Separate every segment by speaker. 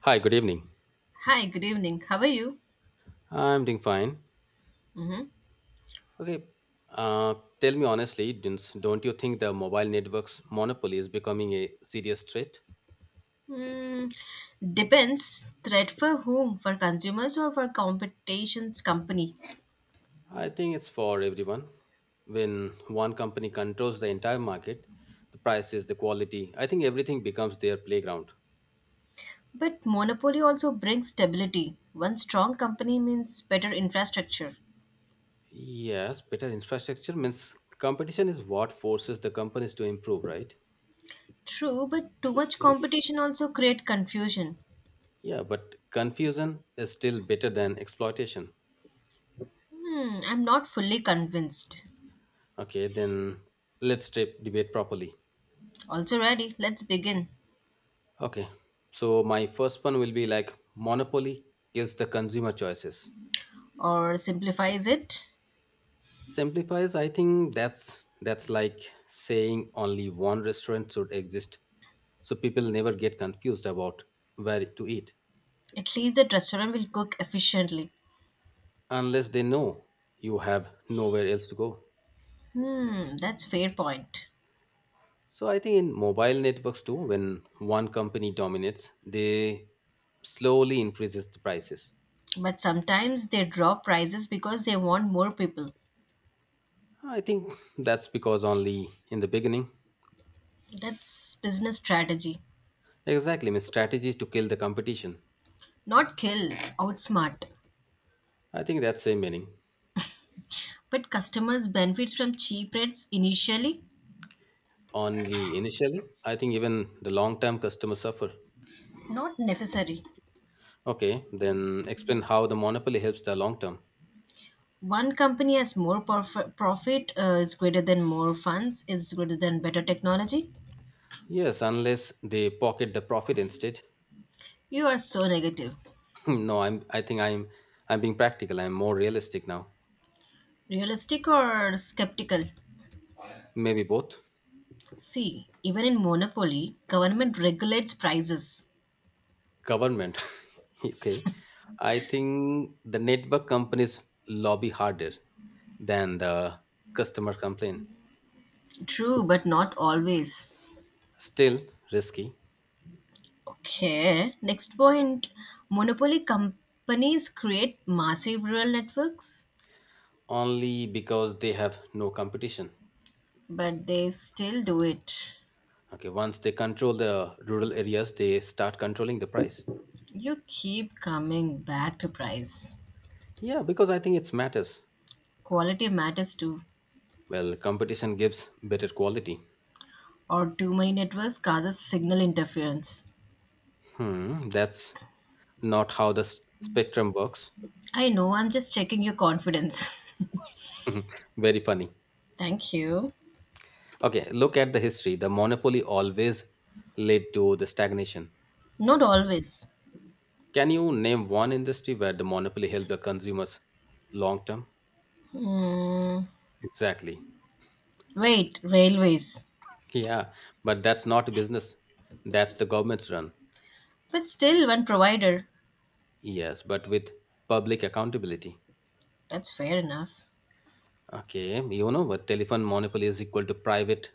Speaker 1: Hi, good evening.
Speaker 2: Hi, good evening. How are you?
Speaker 1: I'm doing fine.
Speaker 2: Mm-hmm.
Speaker 1: Okay, uh, tell me honestly, Dins, don't you think the mobile network's monopoly is becoming a serious threat?
Speaker 2: Mm, depends. Threat for whom? For consumers or for competition's company?
Speaker 1: I think it's for everyone. When one company controls the entire market, the prices, the quality, I think everything becomes their playground.
Speaker 2: But monopoly also brings stability. One strong company means better infrastructure.
Speaker 1: Yes, better infrastructure means competition is what forces the companies to improve, right?
Speaker 2: True, but too much competition also create confusion.
Speaker 1: Yeah, but confusion is still better than exploitation.
Speaker 2: I'm not fully convinced.
Speaker 1: Okay, then let's debate properly.
Speaker 2: Also ready, let's begin.
Speaker 1: Okay. So my first one will be like monopoly kills the consumer choices.
Speaker 2: Or simplifies it.
Speaker 1: Simplifies, I think that's like saying only one restaurant should exist so people never get confused about where to eat
Speaker 2: At least the restaurant will cook efficiently.
Speaker 1: unless they know you have nowhere else to go.
Speaker 2: That's fair point.
Speaker 1: So I think in mobile networks too, when one company dominates, they slowly increases the prices.
Speaker 2: But sometimes they drop prices because they want more people.
Speaker 1: I think that's because only in the beginning.
Speaker 2: That's business strategy.
Speaker 1: Exactly, means strategies to kill the competition.
Speaker 2: Not kill, outsmart.
Speaker 1: I think that's same meaning.
Speaker 2: But customers benefit from cheap rates initially,
Speaker 1: Only initially, I think even the long term customers suffer.
Speaker 2: not necessary.
Speaker 1: Okay, then explain how the monopoly helps the long term.
Speaker 2: One company has profit is greater than more funds is greater than better technology.
Speaker 1: Yes, unless they pocket the profit instead.
Speaker 2: You are so negative.
Speaker 1: No, I'm. I think I'm. I'm being practical. I'm more realistic now.
Speaker 2: Realistic or skeptical?
Speaker 1: Maybe both.
Speaker 2: See, even in monopoly, government regulates prices.
Speaker 1: Government. Okay, I think the network companies lobby harder than the customer complaint.
Speaker 2: True, but not always.
Speaker 1: Still risky,
Speaker 2: Okay. Next point, monopoly companies create massive rural networks,
Speaker 1: only because they have no competition.
Speaker 2: but they still do it.
Speaker 1: Okay, once they control the rural areas, they start controlling the price.
Speaker 2: You keep coming back to price.
Speaker 1: Yeah, because I think it matters.
Speaker 2: Quality matters too,
Speaker 1: Well, competition gives better quality.
Speaker 2: or too many networks causes signal interference.
Speaker 1: Hmm, that's not how the spectrum works.
Speaker 2: I know, I'm just checking your confidence.
Speaker 1: Very funny.
Speaker 2: Thank you.
Speaker 1: Okay, look at the history. The monopoly always led to the stagnation.
Speaker 2: Not always.
Speaker 1: Can you name one industry where the monopoly helped the consumers long term?
Speaker 2: Hmm.
Speaker 1: Exactly.
Speaker 2: Wait, railways.
Speaker 1: Yeah, but that's not a business. That's the government's run.
Speaker 2: But still one provider.
Speaker 1: Yes, but with public accountability.
Speaker 2: That's fair enough.
Speaker 1: Okay, but telephone monopoly is equal to private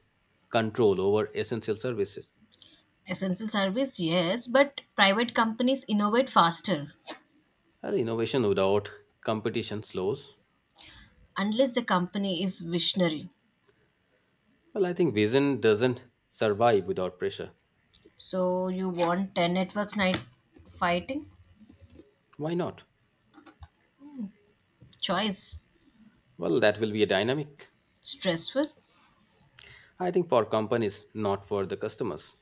Speaker 1: control over essential services.
Speaker 2: Essential service, yes, but private companies innovate faster
Speaker 1: Well, innovation without competition slows.
Speaker 2: unless the company is visionary.
Speaker 1: Well, I think vision doesn't survive without pressure.
Speaker 2: So you want 10 networks night fighting?
Speaker 1: Why not?
Speaker 2: Choice.
Speaker 1: Well, that will be a dynamic.
Speaker 2: Stressful.
Speaker 1: I think for companies, not for the customers.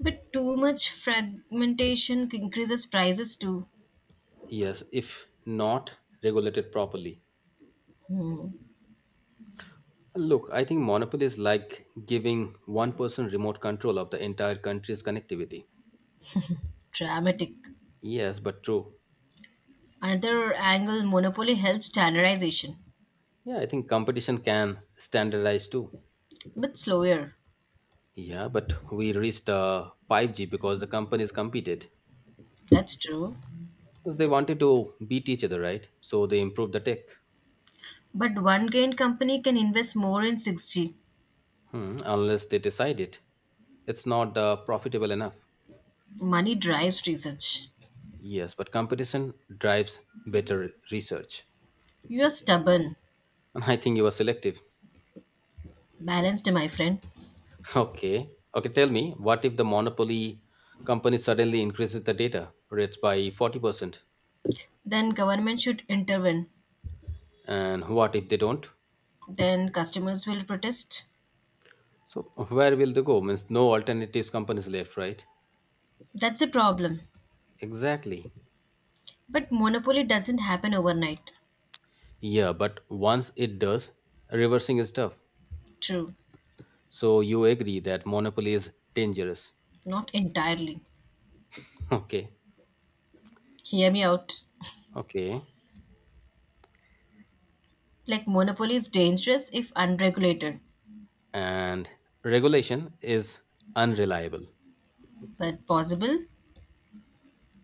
Speaker 2: But too much fragmentation increases prices too.
Speaker 1: Yes, if not regulated properly.
Speaker 2: Hmm.
Speaker 1: Look, I think monopoly is like giving one person remote control of the entire country's connectivity.
Speaker 2: Dramatic.
Speaker 1: Yes, but true.
Speaker 2: Another angle, monopoly helps standardization,
Speaker 1: Yeah, I think competition can standardize too.
Speaker 2: but slower.
Speaker 1: Yeah, but we reached 5G because the companies competed.
Speaker 2: That's true.
Speaker 1: Because they wanted to beat each other, right? So they improved the tech.
Speaker 2: But one gain company can invest more in 6G.
Speaker 1: Hmm, unless they decided it's not profitable enough.
Speaker 2: Money drives research.
Speaker 1: Yes, but competition drives better research.
Speaker 2: You are stubborn.
Speaker 1: And I think you were selective.
Speaker 2: Balanced, my friend.
Speaker 1: Okay. Okay, tell me, what if the monopoly company suddenly increases the data rates by 40%?
Speaker 2: Then government should intervene.
Speaker 1: And what if they don't?
Speaker 2: Then customers will protest.
Speaker 1: So where will they go? Means no alternatives companies left, right?
Speaker 2: That's a problem.
Speaker 1: Exactly.
Speaker 2: But monopoly doesn't happen overnight.
Speaker 1: Yeah, but once it does, reversing is tough.
Speaker 2: True.
Speaker 1: So you agree that monopoly is dangerous.
Speaker 2: Not entirely.
Speaker 1: Okay.
Speaker 2: Hear me out.
Speaker 1: Okay.
Speaker 2: Like monopoly is dangerous if unregulated,
Speaker 1: And regulation is unreliable,
Speaker 2: but possible.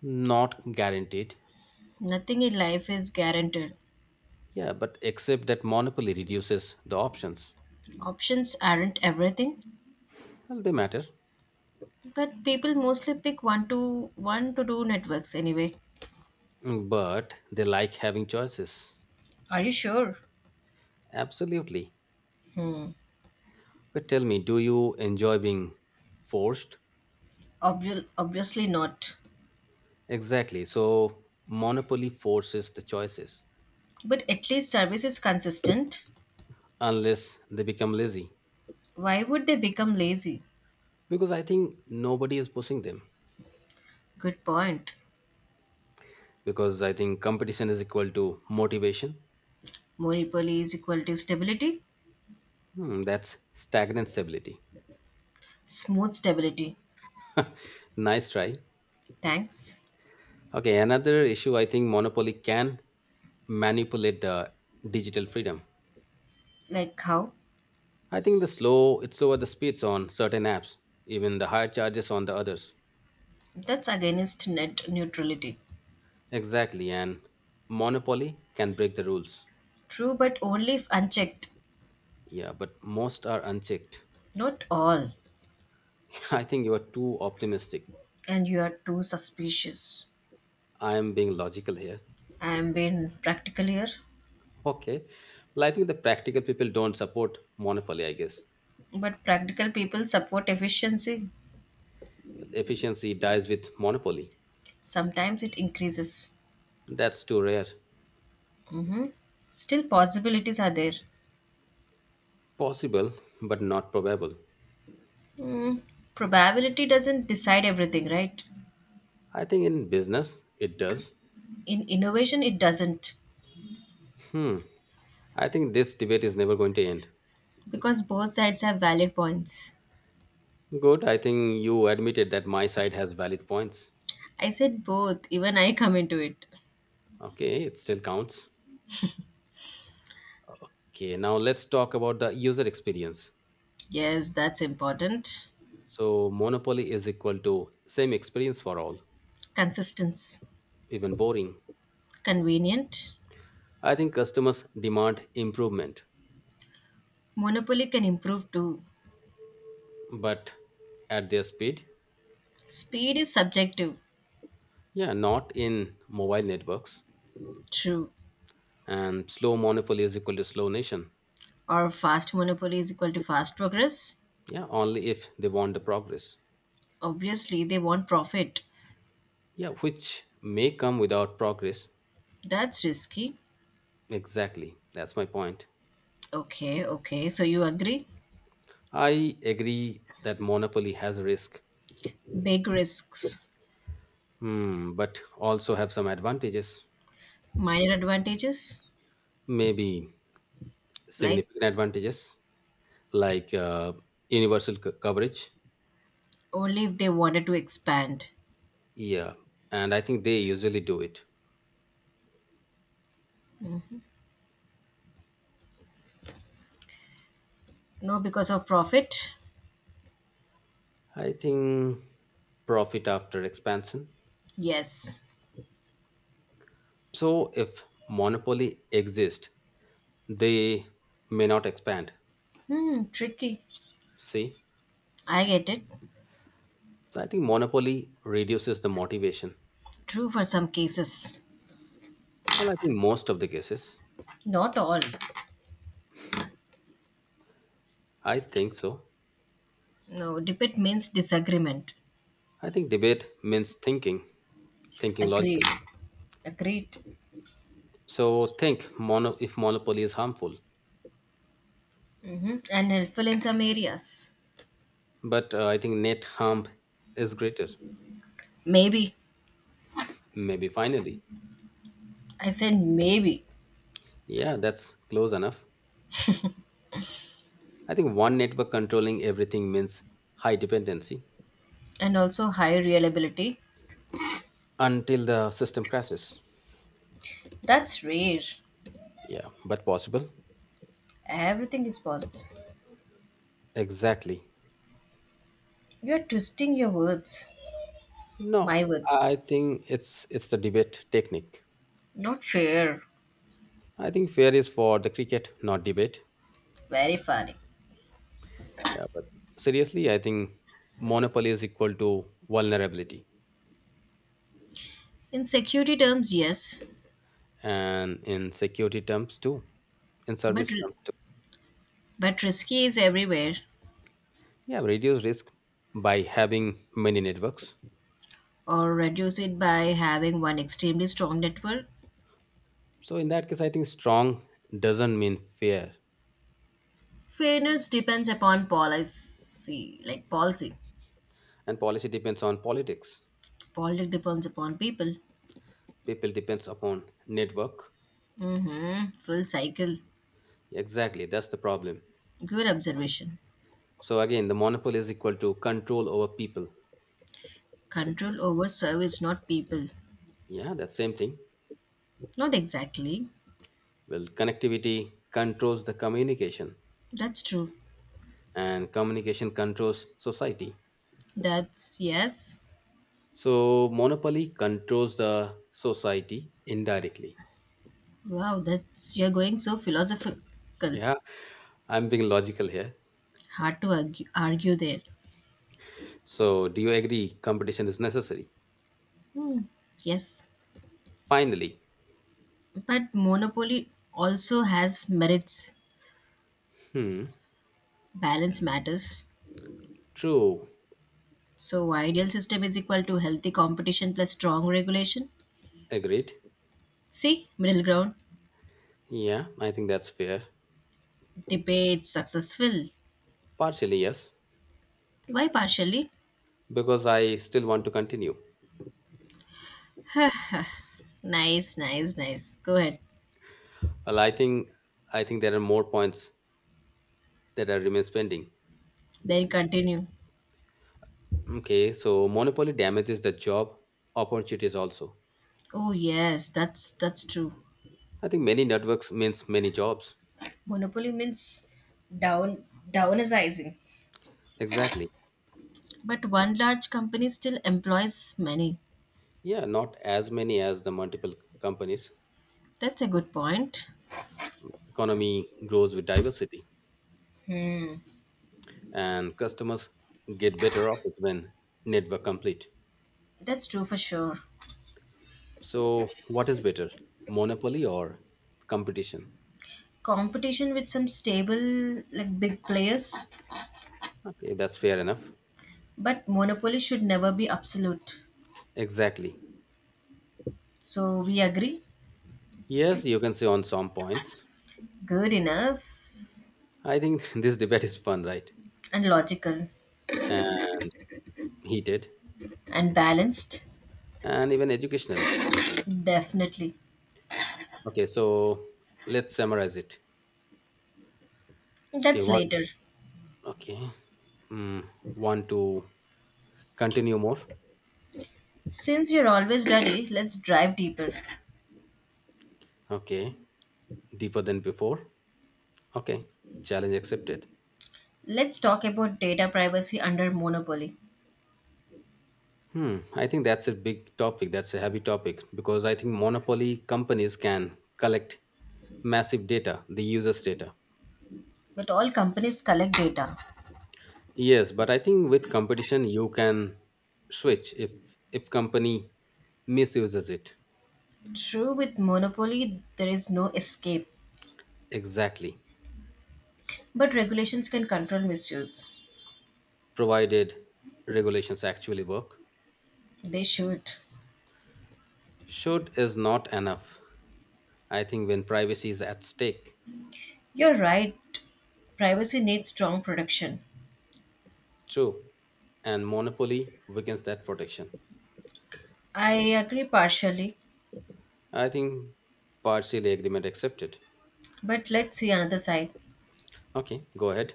Speaker 1: not guaranteed.
Speaker 2: Nothing in life is guaranteed.
Speaker 1: Yeah, but except that monopoly reduces the options.
Speaker 2: Options aren't everything,
Speaker 1: Well, they matter.
Speaker 2: but people mostly pick one to two networks anyway.
Speaker 1: But they like having choices.
Speaker 2: Are you sure?
Speaker 1: Absolutely.
Speaker 2: Hmm.
Speaker 1: But tell me, do you enjoy being forced?
Speaker 2: Obviously not.
Speaker 1: Exactly. So monopoly forces the choices,
Speaker 2: But at least service is consistent.
Speaker 1: unless they become lazy.
Speaker 2: Why would they become lazy?
Speaker 1: Because I think nobody is pushing them.
Speaker 2: Good point.
Speaker 1: Because I think competition is equal to motivation.
Speaker 2: Monopoly is equal to stability.
Speaker 1: That's stagnant stability.
Speaker 2: Smooth stability.
Speaker 1: Nice try.
Speaker 2: Thanks.
Speaker 1: Okay, another issue, I think monopoly can manipulate the digital freedom.
Speaker 2: Like how?
Speaker 1: I think the slow, it slower the speeds on certain apps, even the higher charges on the others.
Speaker 2: That's against net neutrality.
Speaker 1: Exactly, and monopoly can break the rules.
Speaker 2: True, but only if unchecked.
Speaker 1: Yeah, but most are unchecked.
Speaker 2: Not all.
Speaker 1: I think you are too optimistic.
Speaker 2: And you are too suspicious.
Speaker 1: I am being logical here.
Speaker 2: I am being practical here.
Speaker 1: Okay. Well, I think the practical people don't support monopoly, I guess.
Speaker 2: But practical people support efficiency.
Speaker 1: Efficiency dies with monopoly.
Speaker 2: Sometimes it increases.
Speaker 1: That's too rare.
Speaker 2: hmm Still, possibilities are there.
Speaker 1: Possible, but not probable.
Speaker 2: Mm, probability doesn't decide everything, right?
Speaker 1: I think in business, it does.
Speaker 2: In innovation, it doesn't,
Speaker 1: Hmm. I think this debate is never going to end.
Speaker 2: because both sides have valid points.
Speaker 1: Good. I think you admitted that my side has valid points.
Speaker 2: I said both, even I come into it.
Speaker 1: Okay, it still counts. Okay, now let's talk about the user experience.
Speaker 2: Yes, that's important.
Speaker 1: So, monopoly is equal to same experience for all,
Speaker 2: Consistence,
Speaker 1: even boring.
Speaker 2: convenient.
Speaker 1: I think customers demand improvement.
Speaker 2: Monopoly can improve too.
Speaker 1: But at their speed.
Speaker 2: Speed is subjective,
Speaker 1: Yeah, not in mobile networks.
Speaker 2: true.
Speaker 1: And slow monopoly is equal to slow nation.
Speaker 2: Or fast monopoly is equal to fast progress.
Speaker 1: Yeah, only if they want the progress.
Speaker 2: Obviously, they want profit.
Speaker 1: Yeah, which may come without progress.
Speaker 2: That's risky.
Speaker 1: Exactly, that's my point.
Speaker 2: Okay, okay, so you agree?
Speaker 1: I agree that monopoly has a risk.
Speaker 2: Big risks,
Speaker 1: But also have some advantages.
Speaker 2: minor advantages.
Speaker 1: Maybe
Speaker 2: Like
Speaker 1: significant advantages. Like universal coverage.
Speaker 2: only if they wanted to expand,
Speaker 1: Yeah, and I think they usually do it.
Speaker 2: no because of profit.
Speaker 1: I think profit after expansion.
Speaker 2: Yes.
Speaker 1: So if monopoly exists, they may not expand.
Speaker 2: Hmm, tricky.
Speaker 1: See?
Speaker 2: I get it.
Speaker 1: So I think monopoly reduces the motivation.
Speaker 2: True for some cases,
Speaker 1: Well, I think most of the cases.
Speaker 2: not all.
Speaker 1: I think so.
Speaker 2: No, debate means disagreement.
Speaker 1: I think debate means thinking, thinking logically.
Speaker 2: Agreed, agreed.
Speaker 1: So think mono if monopoly is harmful,
Speaker 2: Hmm, and helpful in some areas.
Speaker 1: but I think net harm is greater.
Speaker 2: Maybe.
Speaker 1: Maybe finally.
Speaker 2: I said maybe.
Speaker 1: Yeah, that's close enough. I think one network controlling everything means high dependency.
Speaker 2: And also high reliability.
Speaker 1: Until the system crashes.
Speaker 2: That's rare.
Speaker 1: Yeah, but possible.
Speaker 2: Everything is possible.
Speaker 1: Exactly.
Speaker 2: You're twisting your words,
Speaker 1: No,
Speaker 2: my words.
Speaker 1: I think it's the debate technique.
Speaker 2: Not fair.
Speaker 1: I think fair is for the cricket, not debate.
Speaker 2: Very funny.
Speaker 1: Yeah, but seriously, I think monopoly is equal to vulnerability,
Speaker 2: In security terms, yes,
Speaker 1: and in security terms too, in
Speaker 2: but
Speaker 1: service terms too.
Speaker 2: but risky is everywhere.
Speaker 1: Yeah, reduce risk by having many networks.
Speaker 2: Or reduce it by having one extremely strong network.
Speaker 1: So in that case, I think strong doesn't mean fair.
Speaker 2: Fairness depends upon policy, like policy.
Speaker 1: And policy depends on politics.
Speaker 2: Politics depends upon people.
Speaker 1: People depends upon network.
Speaker 2: Mm-hmm. Full cycle.
Speaker 1: Exactly, that's the problem.
Speaker 2: Good observation.
Speaker 1: So again, the monopoly is equal to control over people.
Speaker 2: Control over service, not people.
Speaker 1: Yeah, that same thing.
Speaker 2: Not exactly.
Speaker 1: Well, connectivity controls the communication,
Speaker 2: That's true.
Speaker 1: and communication controls society.
Speaker 2: That's yes.
Speaker 1: So monopoly controls the society indirectly.
Speaker 2: Wow, that's you're going so philosophical.
Speaker 1: Yeah, I'm being logical here.
Speaker 2: Hard to argue there.
Speaker 1: So do you agree competition is necessary?
Speaker 2: Hmm. Yes.
Speaker 1: Finally.
Speaker 2: But monopoly also has merits.
Speaker 1: Hmm.
Speaker 2: Balance matters.
Speaker 1: True.
Speaker 2: So ideal system is equal to healthy competition plus strong regulation.
Speaker 1: Agreed.
Speaker 2: See, middle ground.
Speaker 1: Yeah, I think that's fair.
Speaker 2: Debate successful.
Speaker 1: Partially, yes,
Speaker 2: Why partially?
Speaker 1: because I still want to continue.
Speaker 2: Nice, nice, nice. Go ahead.
Speaker 1: Well, I think, I think there are more points that are remains pending.
Speaker 2: Then continue.
Speaker 1: Okay, so monopoly damages the job opportunities also.
Speaker 2: Oh yes, that's true.
Speaker 1: I think many networks means many jobs.
Speaker 2: Monopoly means down downsizing.
Speaker 1: Exactly.
Speaker 2: But one large company still employs many.
Speaker 1: Yeah, not as many as the multiple companies.
Speaker 2: That's a good point.
Speaker 1: Economy grows with diversity,
Speaker 2: Hmm,
Speaker 1: and customers get better offers when network complete.
Speaker 2: that's true for sure.
Speaker 1: So, what is better, monopoly or competition?
Speaker 2: Competition with some stable like big players,
Speaker 1: Okay, that's fair enough.
Speaker 2: but monopoly should never be absolute.
Speaker 1: Exactly.
Speaker 2: So we agree.
Speaker 1: Yes, you can say on some points.
Speaker 2: Good enough.
Speaker 1: I think this debate is fun, right?
Speaker 2: And logical,
Speaker 1: And heated
Speaker 2: and balanced.
Speaker 1: and even educational.
Speaker 2: Definitely.
Speaker 1: Okay, so let's summarize it. Okay,
Speaker 2: That's
Speaker 1: one.
Speaker 2: later.
Speaker 1: Okay, want to continue more?
Speaker 2: Since you're always ready, let's drive deeper.
Speaker 1: Okay, deeper than before. Okay, challenge accepted.
Speaker 2: Let's talk about data privacy under monopoly.
Speaker 1: Hmm, I think that's a big topic. That's a heavy topic because I think monopoly companies can collect massive data, the users' data.
Speaker 2: But all companies collect data.
Speaker 1: Yes, but I think with competition you can switch if company misuses it.
Speaker 2: True, with monopoly there is no escape.
Speaker 1: Exactly,
Speaker 2: But regulations can control misuse.
Speaker 1: provided regulations actually work.
Speaker 2: They should.
Speaker 1: Should is not enough, I think, when privacy is at stake.
Speaker 2: You're right. Privacy needs strong protection.
Speaker 1: True, and monopoly weakens that protection.
Speaker 2: I agree partially,
Speaker 1: I think partially agreement accepted.
Speaker 2: but let's see another side.
Speaker 1: Okay, go ahead.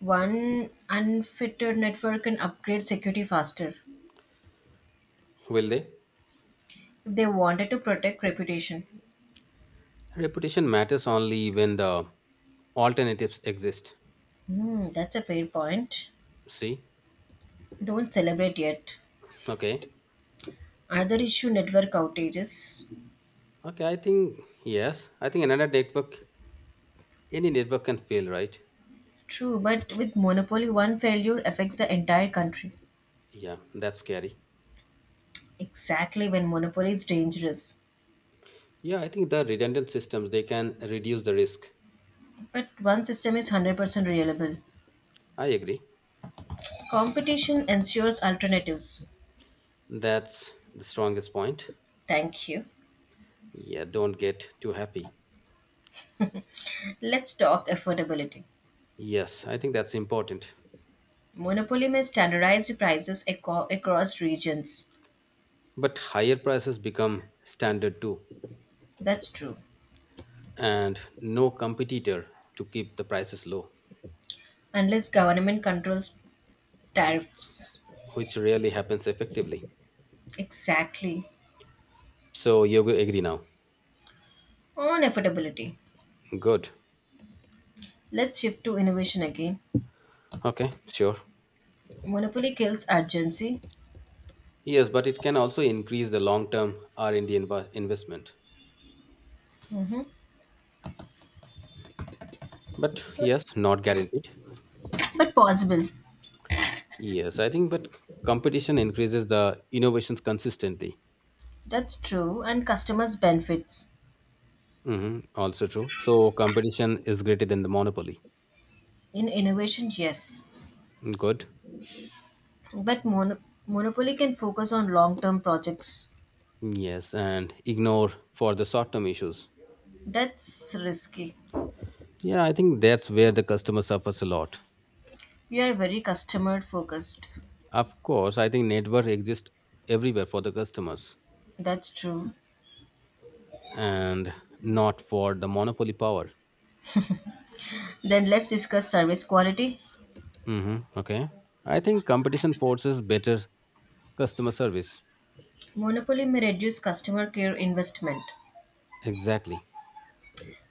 Speaker 2: One unfettered network can upgrade security faster if
Speaker 1: Will they?
Speaker 2: they wanted to protect reputation.
Speaker 1: Reputation matters only when the alternatives exist.
Speaker 2: Hmm, that's a fair point.
Speaker 1: See?
Speaker 2: Don't celebrate yet.
Speaker 1: Okay.
Speaker 2: Another issue, network outages.
Speaker 1: Okay, I think yes. I think another network, any network can fail, right?
Speaker 2: True, but with monopoly, one failure affects the entire country.
Speaker 1: Yeah, that's scary.
Speaker 2: Exactly when monopoly is dangerous.
Speaker 1: Yeah, I think the redundant systems they can reduce the risk.
Speaker 2: But one system is 100% reliable.
Speaker 1: I agree.
Speaker 2: Competition ensures alternatives.
Speaker 1: That's the strongest point.
Speaker 2: Thank you.
Speaker 1: Yeah, don't get too happy.
Speaker 2: Let's talk affordability.
Speaker 1: Yes, I think that's important.
Speaker 2: Monopoly may standardize the prices across regions.
Speaker 1: But higher prices become standard too,
Speaker 2: That's true.
Speaker 1: and no competitor to keep the prices low,
Speaker 2: Unless government controls tariffs.
Speaker 1: which rarely happens effectively.
Speaker 2: Exactly.
Speaker 1: So you agree now?
Speaker 2: On affordability.
Speaker 1: Good.
Speaker 2: Let's shift to innovation again.
Speaker 1: Okay, sure.
Speaker 2: Monopoly kills urgency.
Speaker 1: Yes, but it can also increase the long-term R&D investment.
Speaker 2: Mhm.
Speaker 1: But yes, not guaranteed.
Speaker 2: But possible.
Speaker 1: Yes, I think, but competition increases the innovations consistently.
Speaker 2: That's true. And customers benefits.
Speaker 1: Hmm. Also true. So competition is greater than the monopoly.
Speaker 2: In innovation, yes.
Speaker 1: Good.
Speaker 2: But Monopoly can focus on long term projects.
Speaker 1: Yes, and ignore for the short-term issues.
Speaker 2: That's risky.
Speaker 1: Yeah, I think that's where the customer suffers a lot.
Speaker 2: You are very customer focused.
Speaker 1: Of course, I think network exists everywhere for the customers
Speaker 2: That's true.
Speaker 1: and not for the monopoly power.
Speaker 2: Then let's discuss service quality.
Speaker 1: Hmm. Okay. I think competition forces better customer service.
Speaker 2: Monopoly may reduce customer care investment,
Speaker 1: Exactly.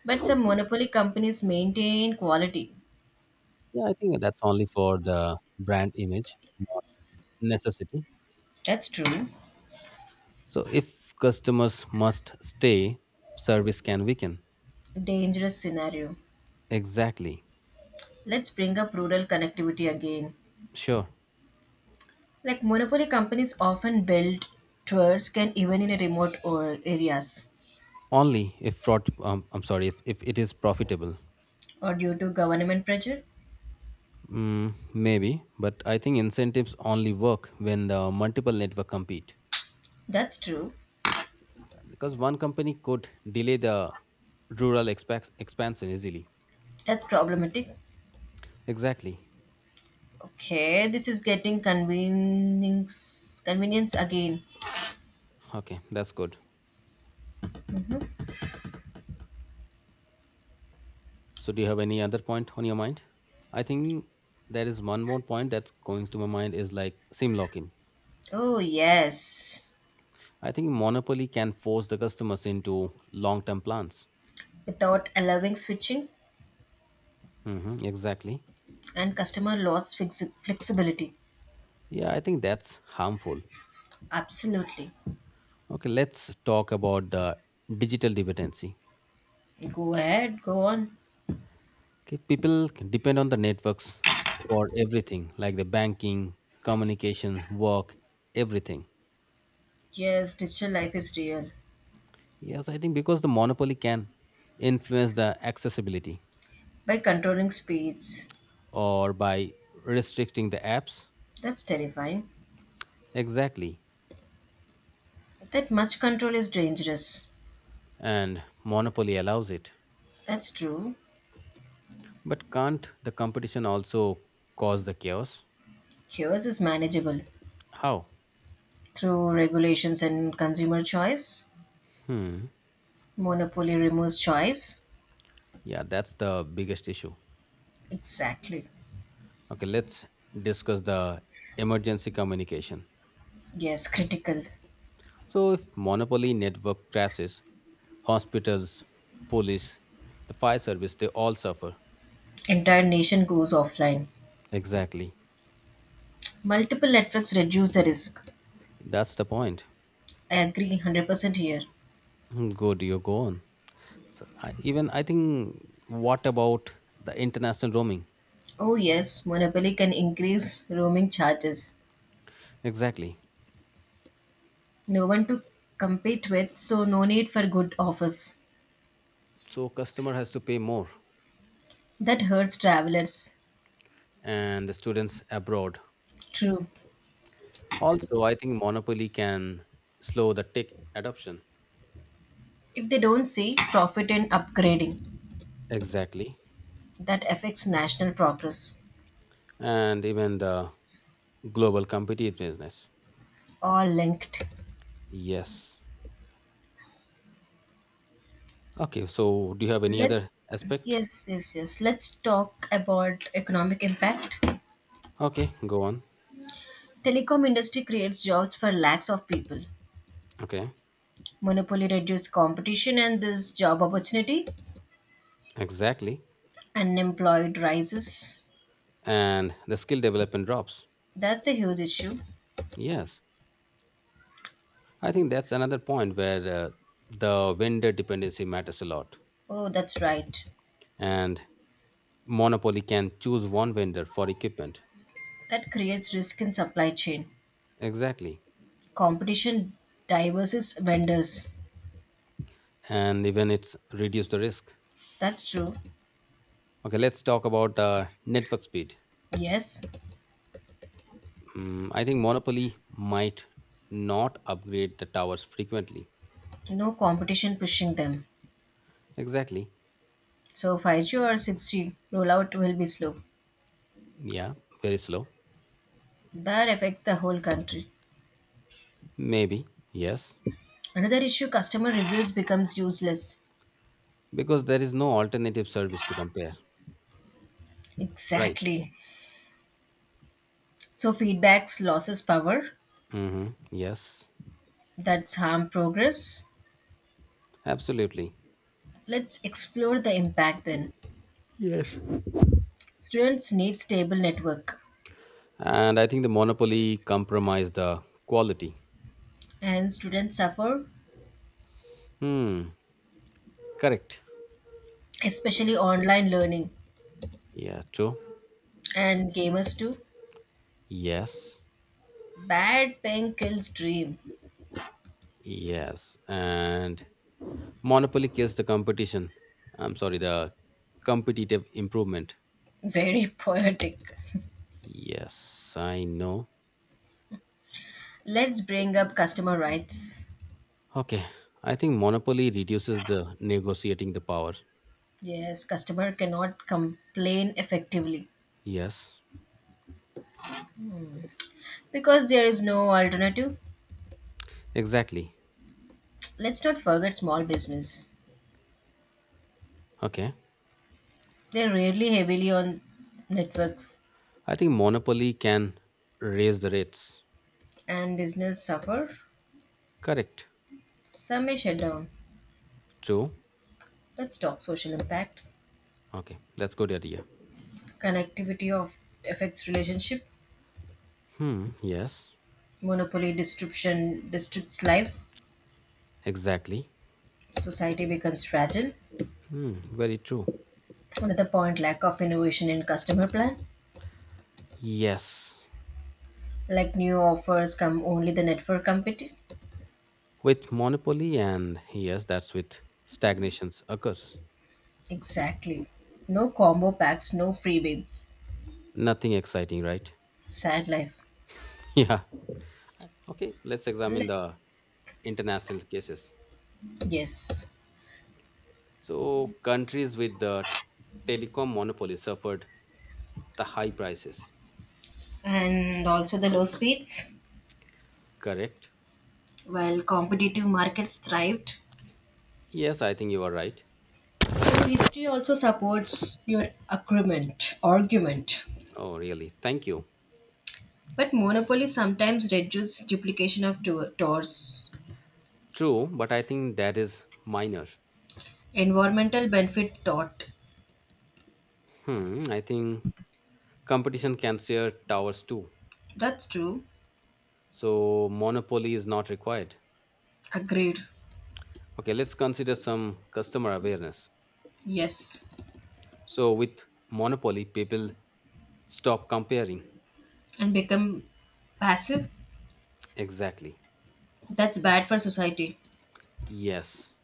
Speaker 2: but some monopoly companies maintain quality.
Speaker 1: Yeah, I think that's only for the brand image, not necessity.
Speaker 2: That's true.
Speaker 1: So if customers must stay, service can weaken.
Speaker 2: Dangerous scenario.
Speaker 1: Exactly.
Speaker 2: Let's bring up rural connectivity again.
Speaker 1: Sure.
Speaker 2: Like monopoly companies often build towers, can even in remote or areas,
Speaker 1: Only if fraud, I'm sorry, if it is profitable.
Speaker 2: or due to government pressure.
Speaker 1: Maybe, but I think incentives only work when the multiple network compete.
Speaker 2: That's true.
Speaker 1: Because one company could delay the rural expansion easily.
Speaker 2: That's problematic.
Speaker 1: Exactly.
Speaker 2: Okay, this is getting convenience again.
Speaker 1: Okay, that's good. So, do you have any other point on your mind? I think there is one more point that's going to my mind is like SIM lock-in.
Speaker 2: Oh yes.
Speaker 1: I think monopoly can force the customers into long-term plans.
Speaker 2: Without allowing switching,
Speaker 1: Hmm, exactly.
Speaker 2: and customer loss flexibility.
Speaker 1: Yeah, I think that's harmful.
Speaker 2: Absolutely.
Speaker 1: Okay, let's talk about the digital dependency.
Speaker 2: Go ahead, go on.
Speaker 1: Okay, people can depend on the networks for everything, like the banking, communication, work, everything.
Speaker 2: Yes, digital life is real.
Speaker 1: Yes, I think because the monopoly can influence the accessibility
Speaker 2: By controlling speeds,
Speaker 1: or by restricting the apps?
Speaker 2: that's terrifying.
Speaker 1: Exactly.
Speaker 2: That much control is dangerous.
Speaker 1: And monopoly allows it.
Speaker 2: That's true.
Speaker 1: But can't the competition also cause the chaos?
Speaker 2: Yours is manageable
Speaker 1: How?
Speaker 2: through regulations and consumer choice.
Speaker 1: Hmm.
Speaker 2: Monopoly removes choice.
Speaker 1: Yeah, that's the biggest issue.
Speaker 2: Exactly.
Speaker 1: Okay, let's discuss the emergency communication.
Speaker 2: Yes, critical.
Speaker 1: So, if monopoly network crashes, hospitals, police, the fire service, they all suffer.
Speaker 2: Entire nation goes offline.
Speaker 1: Exactly.
Speaker 2: Multiple networks reduce the risk.
Speaker 1: That's the point.
Speaker 2: I agree 100% here.
Speaker 1: Good, you go on. So even I think what about the international roaming?
Speaker 2: Oh, yes, Monopoly can increase roaming charges.
Speaker 1: Exactly.
Speaker 2: No one to compete with, so no need for good offers.
Speaker 1: So customer has to pay more
Speaker 2: That hurts travelers.
Speaker 1: and the students abroad.
Speaker 2: True.
Speaker 1: Also, I think monopoly can slow the tech adoption.
Speaker 2: If they don't see profit in upgrading,
Speaker 1: Exactly.
Speaker 2: that affects national progress.
Speaker 1: And even the global competitiveness.
Speaker 2: All linked.
Speaker 1: Yes. Okay, so do you have any
Speaker 2: Let
Speaker 1: other aspect?
Speaker 2: Yes, yes, yes. Let's talk about economic impact.
Speaker 1: Okay, go on.
Speaker 2: Telecom industry creates jobs for lakhs of people.
Speaker 1: Okay,
Speaker 2: Monopoly reduces competition and this job opportunity.
Speaker 1: exactly.
Speaker 2: Unemployed rises.
Speaker 1: And the skill development drops.
Speaker 2: That's a huge issue.
Speaker 1: Yes. I think that's another point where the vendor dependency matters a lot.
Speaker 2: Oh, that's right.
Speaker 1: And monopoly can choose one vendor for equipment.
Speaker 2: That creates risk in supply chain.
Speaker 1: Exactly.
Speaker 2: Competition diverses vendors.
Speaker 1: And even it's reduce the risk.
Speaker 2: That's true.
Speaker 1: Okay, let's talk about network speed.
Speaker 2: Yes,
Speaker 1: I think monopoly might not upgrade the towers frequently.
Speaker 2: no competition pushing them.
Speaker 1: Exactly.
Speaker 2: So 5G or 6G rollout will be slow.
Speaker 1: Yeah, very slow.
Speaker 2: That affects the whole country.
Speaker 1: Maybe. Yes.
Speaker 2: Another issue, customer reviews becomes useless.
Speaker 1: Because there is no alternative service to compare. Right.
Speaker 2: Exactly. So feedbacks loses power.
Speaker 1: Mm-hmm. Yes.
Speaker 2: That's harm progress.
Speaker 1: Absolutely.
Speaker 2: Let's explore the impact then.
Speaker 1: Yes,
Speaker 2: Students need stable network.
Speaker 1: and I think the monopoly compromised the quality.
Speaker 2: And students suffer,
Speaker 1: Hmm, correct.
Speaker 2: especially online learning
Speaker 1: Yeah, true.
Speaker 2: and gamers too.
Speaker 1: Yes,
Speaker 2: Bad pen kills dream.
Speaker 1: yes. And monopoly kills the competition. I'm sorry, the competitive improvement.
Speaker 2: Very poetic.
Speaker 1: Yes, I know.
Speaker 2: Let's bring up customer rights.
Speaker 1: Okay, I think monopoly reduces the negotiating the power.
Speaker 2: Yes, customer cannot complain effectively
Speaker 1: Yes,
Speaker 2: because there is no alternative.
Speaker 1: exactly.
Speaker 2: Let's not forget small business.
Speaker 1: Okay,
Speaker 2: They rarely heavily on networks,
Speaker 1: I think monopoly can raise the rates.
Speaker 2: and business suffer.
Speaker 1: Correct.
Speaker 2: Some may shut down.
Speaker 1: True.
Speaker 2: Let's talk social impact.
Speaker 1: Okay, that's good idea.
Speaker 2: Connectivity of affects relationship,
Speaker 1: Hmm, yes,
Speaker 2: monopoly disruption disrupts lives,
Speaker 1: exactly.
Speaker 2: society becomes fragile.
Speaker 1: Hmm, very true.
Speaker 2: Another point, lack of innovation in customer plan,
Speaker 1: Yes,
Speaker 2: like new offers come only the network competition.
Speaker 1: with monopoly and yes, that's with stagnations occurs.
Speaker 2: Exactly. No combo packs, no freebies.
Speaker 1: Nothing exciting, right?
Speaker 2: Sad life.
Speaker 1: Yeah. Okay, let's
Speaker 2: Le-
Speaker 1: examine the international cases.
Speaker 2: yes,
Speaker 1: So, countries with the telecom monopoly suffered the high prices,
Speaker 2: and also the low speeds,
Speaker 1: correct?
Speaker 2: while competitive markets thrived.
Speaker 1: Yes, I think you are right.
Speaker 2: So history also supports your agreement argument.
Speaker 1: Oh, really? Thank you.
Speaker 2: But monopoly sometimes reduces duplication of tours.
Speaker 1: True, but I think that is minor.
Speaker 2: Environmental benefit thought.
Speaker 1: Hmm, I think competition can share towers too.
Speaker 2: That's true.
Speaker 1: So, monopoly is not required.
Speaker 2: Agreed.
Speaker 1: Okay, let's consider some customer awareness.
Speaker 2: Yes.
Speaker 1: So, with monopoly, people stop comparing.
Speaker 2: And become passive?
Speaker 1: Exactly.
Speaker 2: That's bad for society.
Speaker 1: Yes.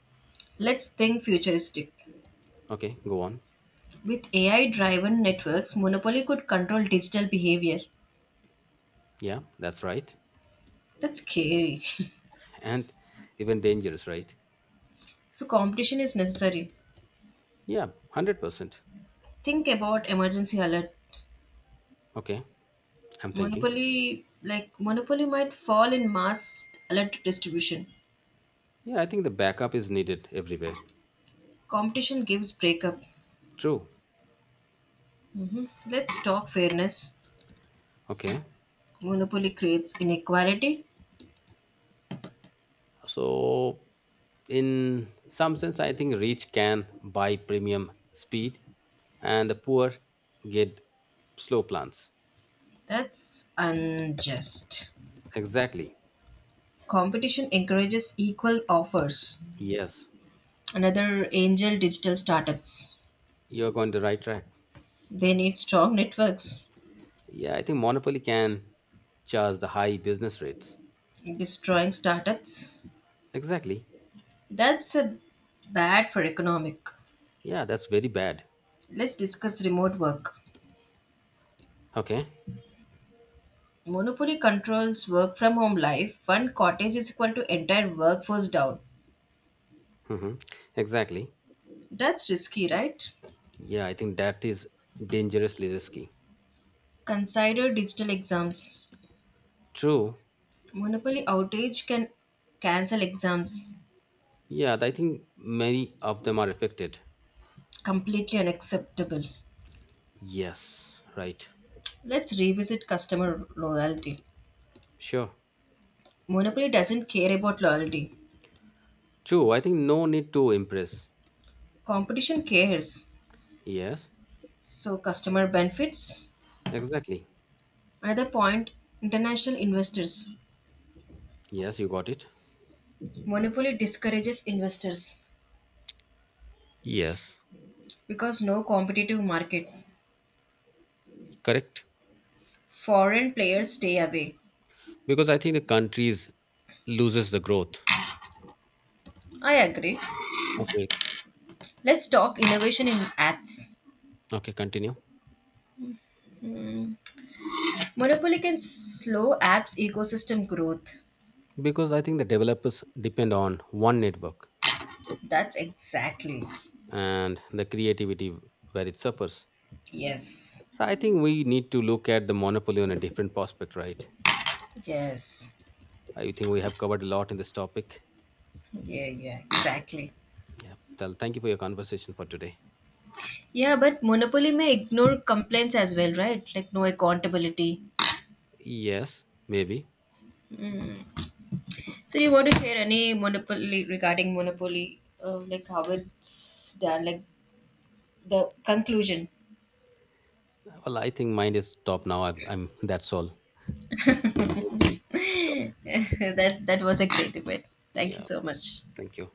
Speaker 2: Let's think futuristic.
Speaker 1: Okay, go on.
Speaker 2: With AI driven networks, monopoly could control digital behavior.
Speaker 1: Yeah, that's right.
Speaker 2: That's scary.
Speaker 1: And even dangerous, right?
Speaker 2: So competition is necessary.
Speaker 1: Yeah, 100%.
Speaker 2: Think about emergency alert.
Speaker 1: Okay, I'm thinking.
Speaker 2: Monopoly might fall in mass alert distribution.
Speaker 1: Yeah, I think the backup is needed everywhere.
Speaker 2: Competition gives breakup.
Speaker 1: True.
Speaker 2: hmm Let's talk fairness.
Speaker 1: Okay.
Speaker 2: Monopoly creates inequality.
Speaker 1: So, in some sense, I think rich can buy premium speed and the poor get slow plans.
Speaker 2: That's unjust.
Speaker 1: Exactly.
Speaker 2: Competition encourages equal offers.
Speaker 1: Yes,
Speaker 2: Another angel, digital startups.
Speaker 1: you're going the right track.
Speaker 2: They need strong networks.
Speaker 1: Yeah, I think monopoly can charge the high business rates.
Speaker 2: Destroying startups.
Speaker 1: Exactly.
Speaker 2: That's a bad for economic.
Speaker 1: Yeah, that's very bad.
Speaker 2: Let's discuss remote work.
Speaker 1: Okay.
Speaker 2: Monopoly controls work from home life. One cottage is equal to entire workforce down.
Speaker 1: Mm-hmm. Exactly.
Speaker 2: That's risky, right?
Speaker 1: Yeah, I think that is dangerously risky.
Speaker 2: Consider digital exams.
Speaker 1: True.
Speaker 2: Monopoly outage can cancel exams.
Speaker 1: Yeah, I think many of them are affected.
Speaker 2: Completely unacceptable.
Speaker 1: Yes, right.
Speaker 2: Let's revisit customer loyalty.
Speaker 1: Sure.
Speaker 2: Monopoly doesn't care about loyalty.
Speaker 1: True. I think no need to impress.
Speaker 2: Competition cares.
Speaker 1: Yes,
Speaker 2: So customer benefits.
Speaker 1: exactly.
Speaker 2: Another point, international investors.
Speaker 1: Yes, you got it.
Speaker 2: Monopoly discourages investors
Speaker 1: Yes,
Speaker 2: because no competitive market.
Speaker 1: correct.
Speaker 2: Foreign players stay away.
Speaker 1: Because I think the countries loses the growth.
Speaker 2: I agree.
Speaker 1: Okay.
Speaker 2: Let's talk innovation in apps.
Speaker 1: Okay, continue.
Speaker 2: Monopoly can slow apps ecosystem growth.
Speaker 1: Because I think the developers depend on one network
Speaker 2: That's exactly.
Speaker 1: and the creativity, where it suffers.
Speaker 2: Yes.
Speaker 1: So I think we need to look at the monopoly on a different prospect, right?
Speaker 2: Yes.
Speaker 1: I think we have covered a lot in this topic.
Speaker 2: Yeah, yeah, exactly.
Speaker 1: Yeah, tell thank you for your conversation for today.
Speaker 2: Yeah, but monopoly may ignore complaints as well, right? Like no accountability.
Speaker 1: Yes, maybe.
Speaker 2: So you want to share any monopoly regarding monopoly, like how it's done, like the conclusion.
Speaker 1: Well, I think mine is top now. I'm that's all. Thank you for this topic.
Speaker 2: That was a great debate. Thank you
Speaker 1: Yeah,
Speaker 2: so much.
Speaker 1: thank you.